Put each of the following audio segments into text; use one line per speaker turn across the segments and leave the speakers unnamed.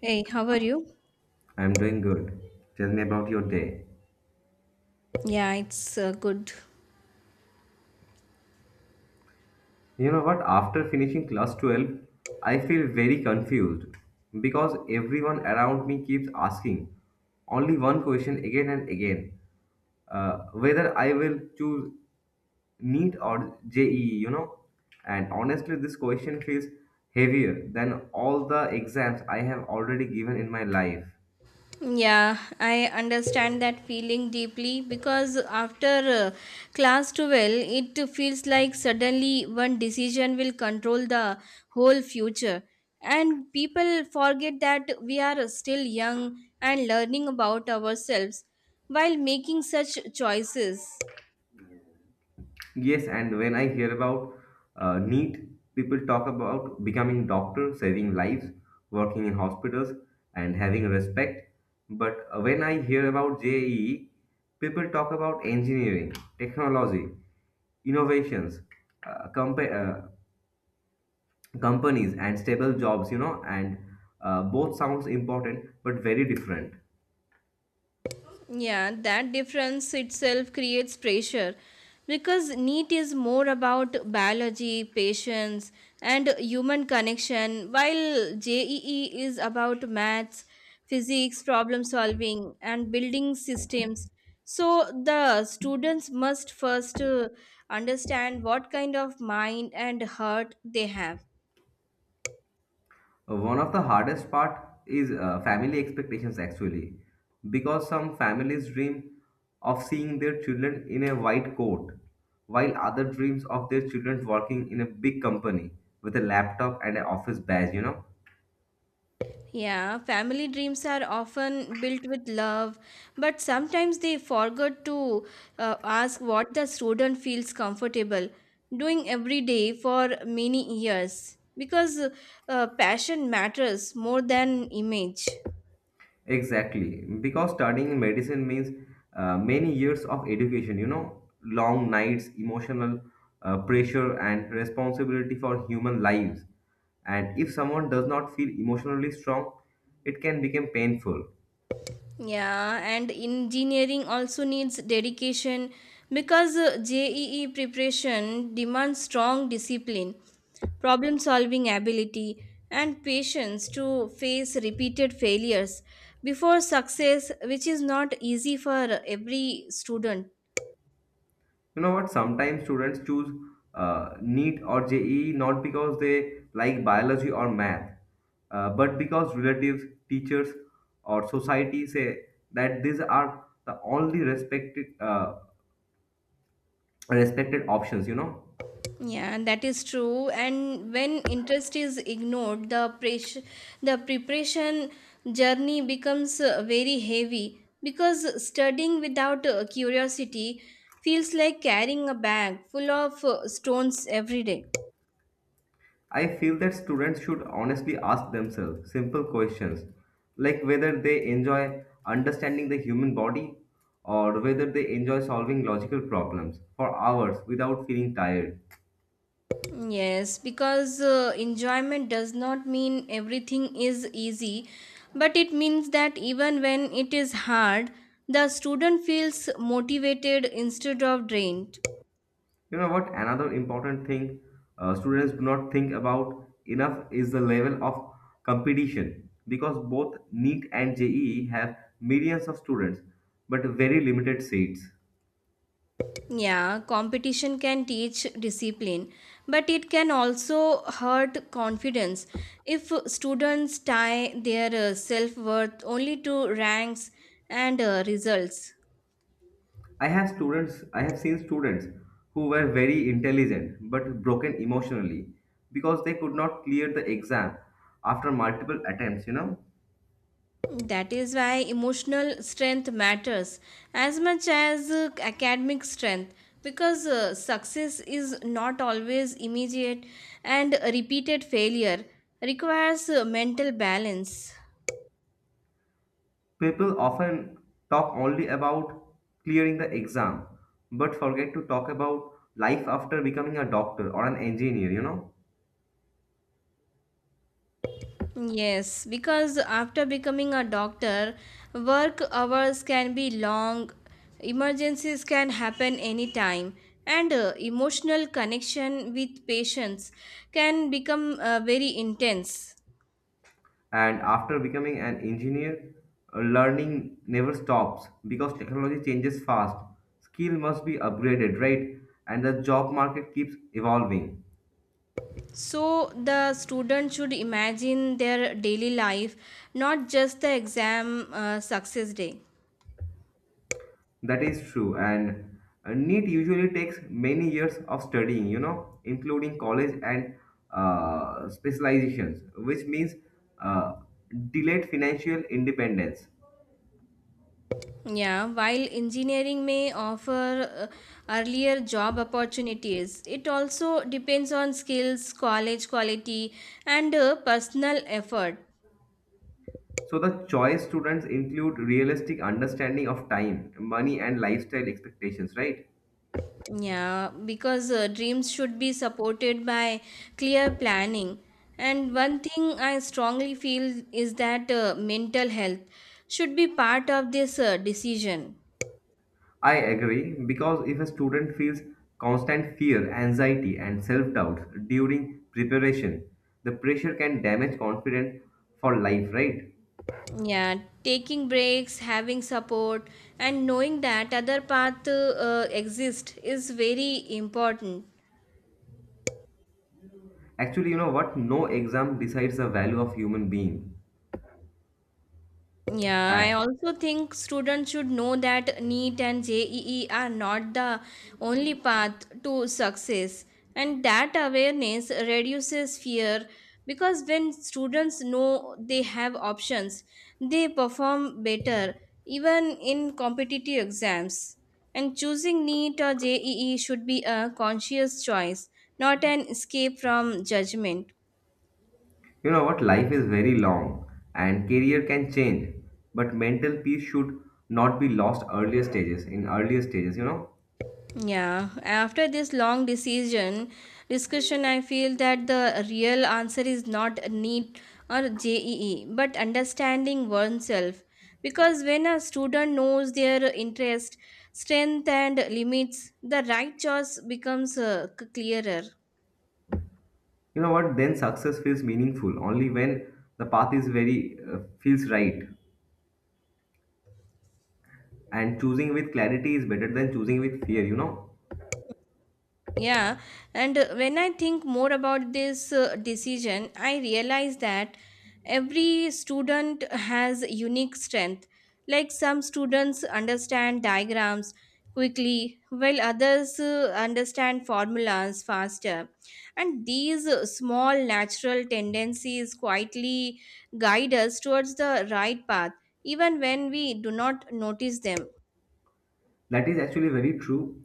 Hey, how are you?
I'm doing good. Tell me about your day.
Yeah, it's good.
You know what? After finishing class 12, I feel very confused because everyone around me keeps asking only one question again and again whether I will choose NEET or JEE, you know. And honestly, this question feels heavier than all the exams I have already given in my life.
Yeah, I understand that feeling deeply because after uh, class 12, it feels like suddenly one decision will control the whole future. And people forget that we are still young and learning about ourselves while making such choices.
Yes, and when I hear about NEET, people talk about becoming doctor, saving lives, working in hospitals, and having respect. But when I hear about JEE, people talk about engineering, technology, innovations, uh, compa- uh, companies, and stable jobs. You know, and both sounds important but very different.
Yeah, that difference itself creates pressure because NEET is more about biology, patience, and human connection, while JEE is about maths, physics, problem solving, and building systems. So the students must first understand what kind of mind and heart they have.
One of the hardest part is family expectations actually, because some families dream of seeing their children in a white coat, while other dreams of their children working in a big company with a laptop and an office badge, you know.
Yeah, family dreams are often built with love, but sometimes they forget to ask what the student feels comfortable doing every day for many years because passion matters more than image.
Exactly, because studying medicine means many years of education, you know, long nights, emotional pressure, and responsibility for human lives. And if someone does not feel emotionally strong, it can become painful.
Yeah, and engineering also needs dedication because JEE preparation demands strong discipline, problem solving ability, and patience to face repeated failures before success, which is not easy for every student.
You know what? Sometimes students choose NEET or JEE not because they like biology or math, but because relatives, teachers, or society say that these are the only respected. Respected options, you know.
Yeah, that is true. And when interest is ignored, the preparation journey becomes very heavy because studying without curiosity feels like carrying a bag full of stones every day.
I feel that students should honestly ask themselves simple questions like whether they enjoy understanding the human body or whether they enjoy solving logical problems for hours without feeling tired.
Yes, because enjoyment does not mean everything is easy, but it means that even when it is hard, the student feels motivated instead of drained.
You know what? Another important thing students do not think about enough is the level of competition because both NEET and jee have millions of students but very limited seats.
Yeah, competition can teach discipline, but it can also hurt confidence. If students tie their self worth only to ranks and results,
I have seen students who were very intelligent but broken emotionally because they could not clear the exam after multiple attempts, you know.
that is why emotional strength matters as much as academic strength because success is not always immediate and repeated failure requires mental balance.
People often talk only about clearing the exam but forget to talk about life after becoming a doctor or an engineer, you know.
Yes, because after becoming a doctor, work hours can be long, emergencies can happen anytime, and emotional connection with patients can become very intense.
And after becoming an engineer, learning never stops because technology changes fast. Skill must be upgraded, right? And the job market keeps evolving.
So, the student should imagine their daily life, not just the exam success day.
That is true, and NEET usually takes many years of studying, you know, including college and specializations, which means uh, delayed financial independence.
Yeah, while engineering may offer earlier job opportunities, it also depends on skills, college quality, and personal effort.
So the choice students include realistic understanding of time, money, and lifestyle expectations, right?
Yeah, because dreams should be supported by clear planning. And one thing I strongly feel is that mental health should be part of this decision.
I agree because if a student feels constant fear, anxiety, and self doubt during preparation, the pressure can damage confidence for life, right?
Yeah, taking breaks, having support, and knowing that other path exist is very important.
Actually, you know what? No exam decides the value of human being.
Yeah, I
And
also think students should know that NEET and JEE are not the only path to success, and that awareness reduces fear because when students know they have options, they perform better even in competitive exams. And choosing NEET or JEE should be a conscious choice, not an escape from judgment.
you know what? Life is very long and career can change, but mental peace should not be lost earlier stages, in earlier stages, you know?
Yeah, after this long decision discussion, I feel that the real answer is not a NEET or JEE, but understanding oneself. Because when a student knows their interest, strength, and limits, the right choice becomes clearer.
You know what? Then success feels meaningful only when the path is very feels right. And choosing with clarity is better than choosing with fear, you know?
Yeah, and when I think more about this decision, I realize that every student has unique strength. Like some students understand diagrams quickly, while others understand formulas faster. And these small natural tendencies quietly guide us towards the right path, even when we do not notice them.
That is actually very true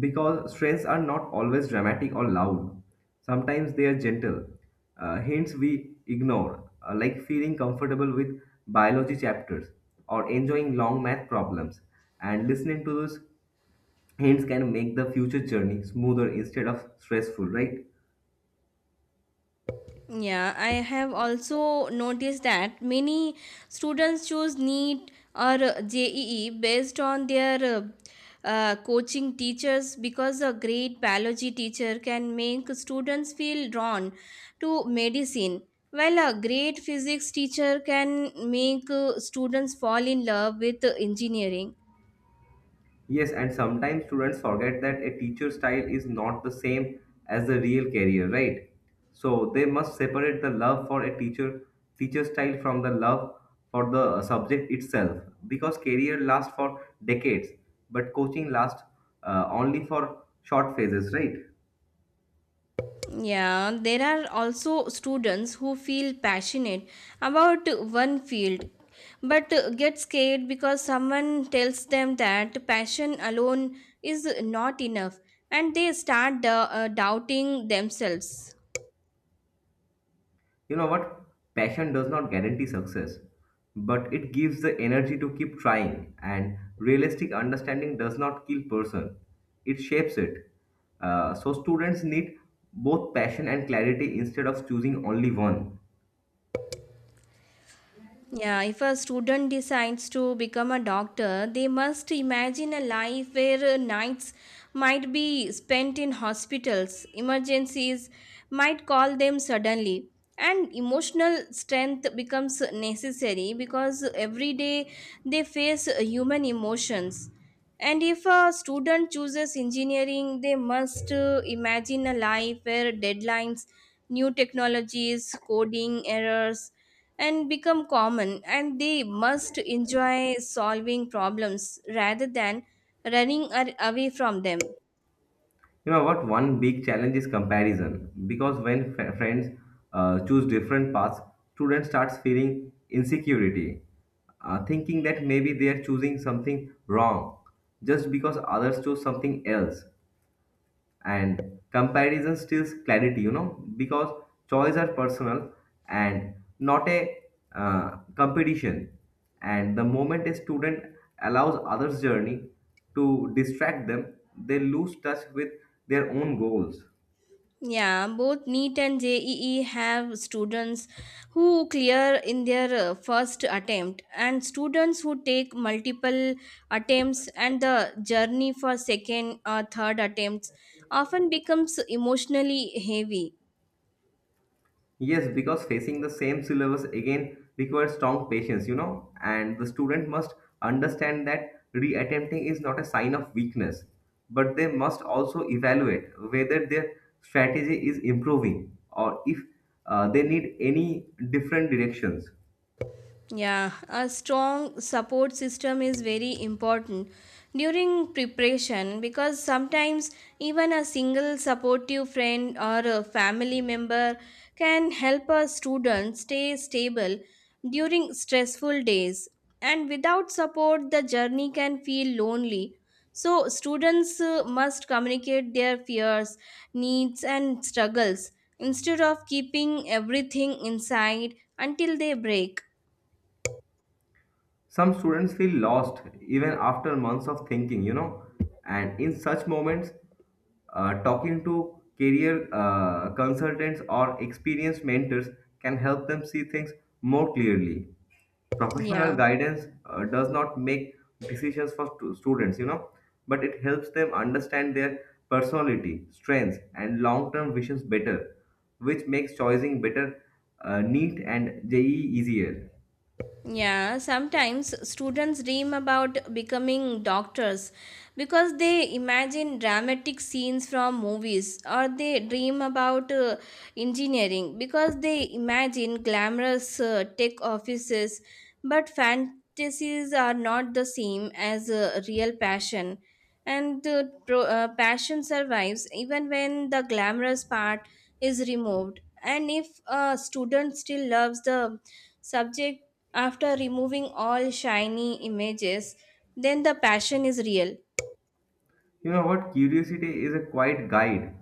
because strengths are not always dramatic or loud. Sometimes they are gentle, hints we ignore, like feeling comfortable with biology chapters or enjoying long math problems. And listening to those hints can make the future journey smoother instead of stressful, right?
Yeah, I have also noticed that many students choose NEET or JEE based on their coaching teachers because a great biology teacher can make students feel drawn to medicine, while a great physics teacher can make students fall in love with engineering.
Yes, and sometimes students forget that a teacher style is not the same as the real career, right? So they must separate the love for a teacher style from the love for the subject itself because career lasts for decades, but coaching lasts only for short phases, right?
Yeah, there are also students who feel passionate about one field but get scared because someone tells them that passion alone is not enough and they start doubting themselves.
You know what? Passion does not guarantee success, but it gives the energy to keep trying, and realistic understanding does not kill person, it shapes it. So students need both passion and clarity instead of choosing only one.
Yeah, if a student decides to become a doctor, they must imagine a life where nights might be spent in hospitals, emergencies might call them suddenly, and emotional strength becomes necessary because every day they face human emotions. And if a student chooses engineering, they must imagine a life where deadlines, new technologies, coding errors, and become common and they must enjoy solving problems rather than away from them.
You know what? One big challenge is comparison because when friends choose different paths, students starts feeling insecurity, thinking that maybe they are choosing something wrong just because others chose something else. And comparison steals clarity, you know, because choice are personal and not a competition, and the moment a student allows others journey to distract them, they lose touch with their own goals.
Yeah, both NEET and JEE have students who clear in their first attempt, and students who take multiple attempts, and the journey for second or third attempts often becomes emotionally heavy.
Yes, because facing the same syllabus again requires strong patience, you know, and the student must understand that reattempting is not a sign of weakness, but they must also evaluate whether their strategy is improving or if they need any different directions.
Yeah, a strong support system is very important during preparation because sometimes even a single supportive friend or a family member can help a student stay stable during stressful days. And without support, the journey can feel lonely. So, students must communicate their fears, needs, and struggles instead of keeping everything inside until they break.
Some students feel lost even after months of thinking, you know, and in such moments, talking to career consultants or experienced mentors can help them see things more clearly. Professional
Yeah.
guidance does not make decisions for students, you know, but it helps them understand their personality, strengths, and long term visions better, which makes choosing better, neat, and JE easier.
Yeah, sometimes students dream about becoming doctors because they imagine dramatic scenes from movies, or they dream about engineering because they imagine glamorous tech offices. But fantasies are not the same as real passion, and passion survives even when the glamorous part is removed. And if a student still loves the subject, after removing all shiny images, then the passion is real.
You know what? Curiosity is a quiet guide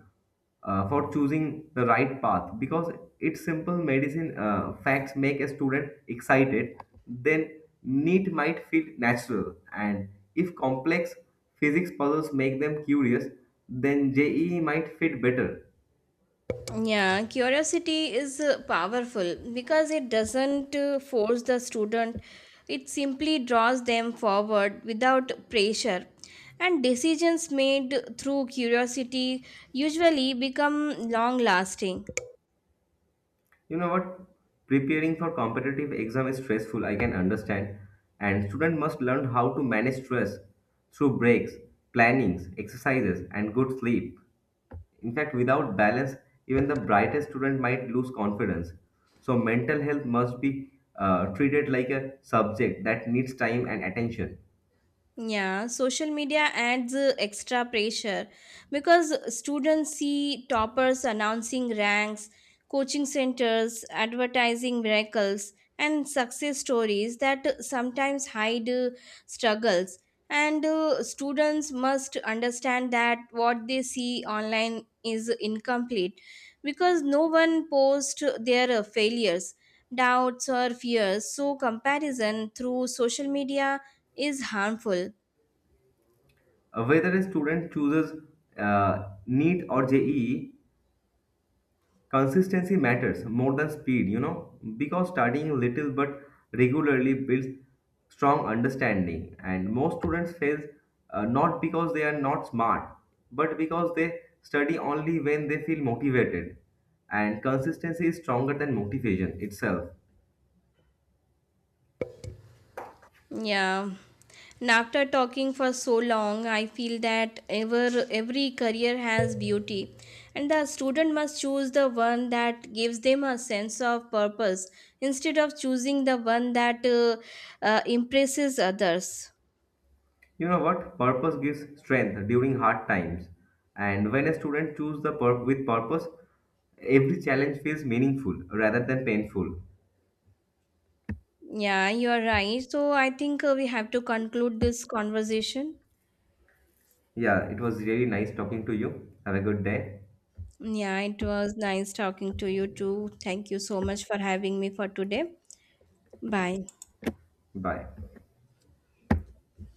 for choosing the right path because its simple medicine facts make a student excited, then neat might feel natural. And if complex physics puzzles make them curious, then JEE might fit better.
Yeah, curiosity is powerful because it doesn't force the student, it simply draws them forward without pressure, and decisions made through curiosity usually become long lasting.
You know what? Preparing for competitive exam is stressful, I can understand. And student must learn how to manage stress through breaks, plannings, exercises, and good sleep. In fact, without balance, even the brightest student might lose confidence. So, mental health must be treated like a subject that needs time and attention.
Yeah, social media adds extra pressure because students see toppers announcing ranks, coaching centers, advertising miracles, and success stories that sometimes hide struggles. And students must understand that what they see online is incomplete because no one posts their failures, doubts, or fears. So, comparison through social media is harmful.
Whether a student chooses NEET or JEE, consistency matters more than speed, you know, because studying little but regularly builds strong understanding. And most students fail not because they are not smart, but because they study only when they feel motivated. And consistency is stronger than motivation itself.
Yeah. And after talking for so long, I feel that every career has beauty, and the student must choose the one that gives them a sense of purpose instead of choosing the one that impresses others.
You know what? Purpose gives strength during hard times. And when a student chooses the with purpose, every challenge feels meaningful rather than painful.
Yeah, you are right. So I think we have to conclude this conversation.
Yeah, it was really nice talking to you. Have a good day.
Yeah, it was nice talking to you too. Thank you so much for having me for today. Bye.
Bye.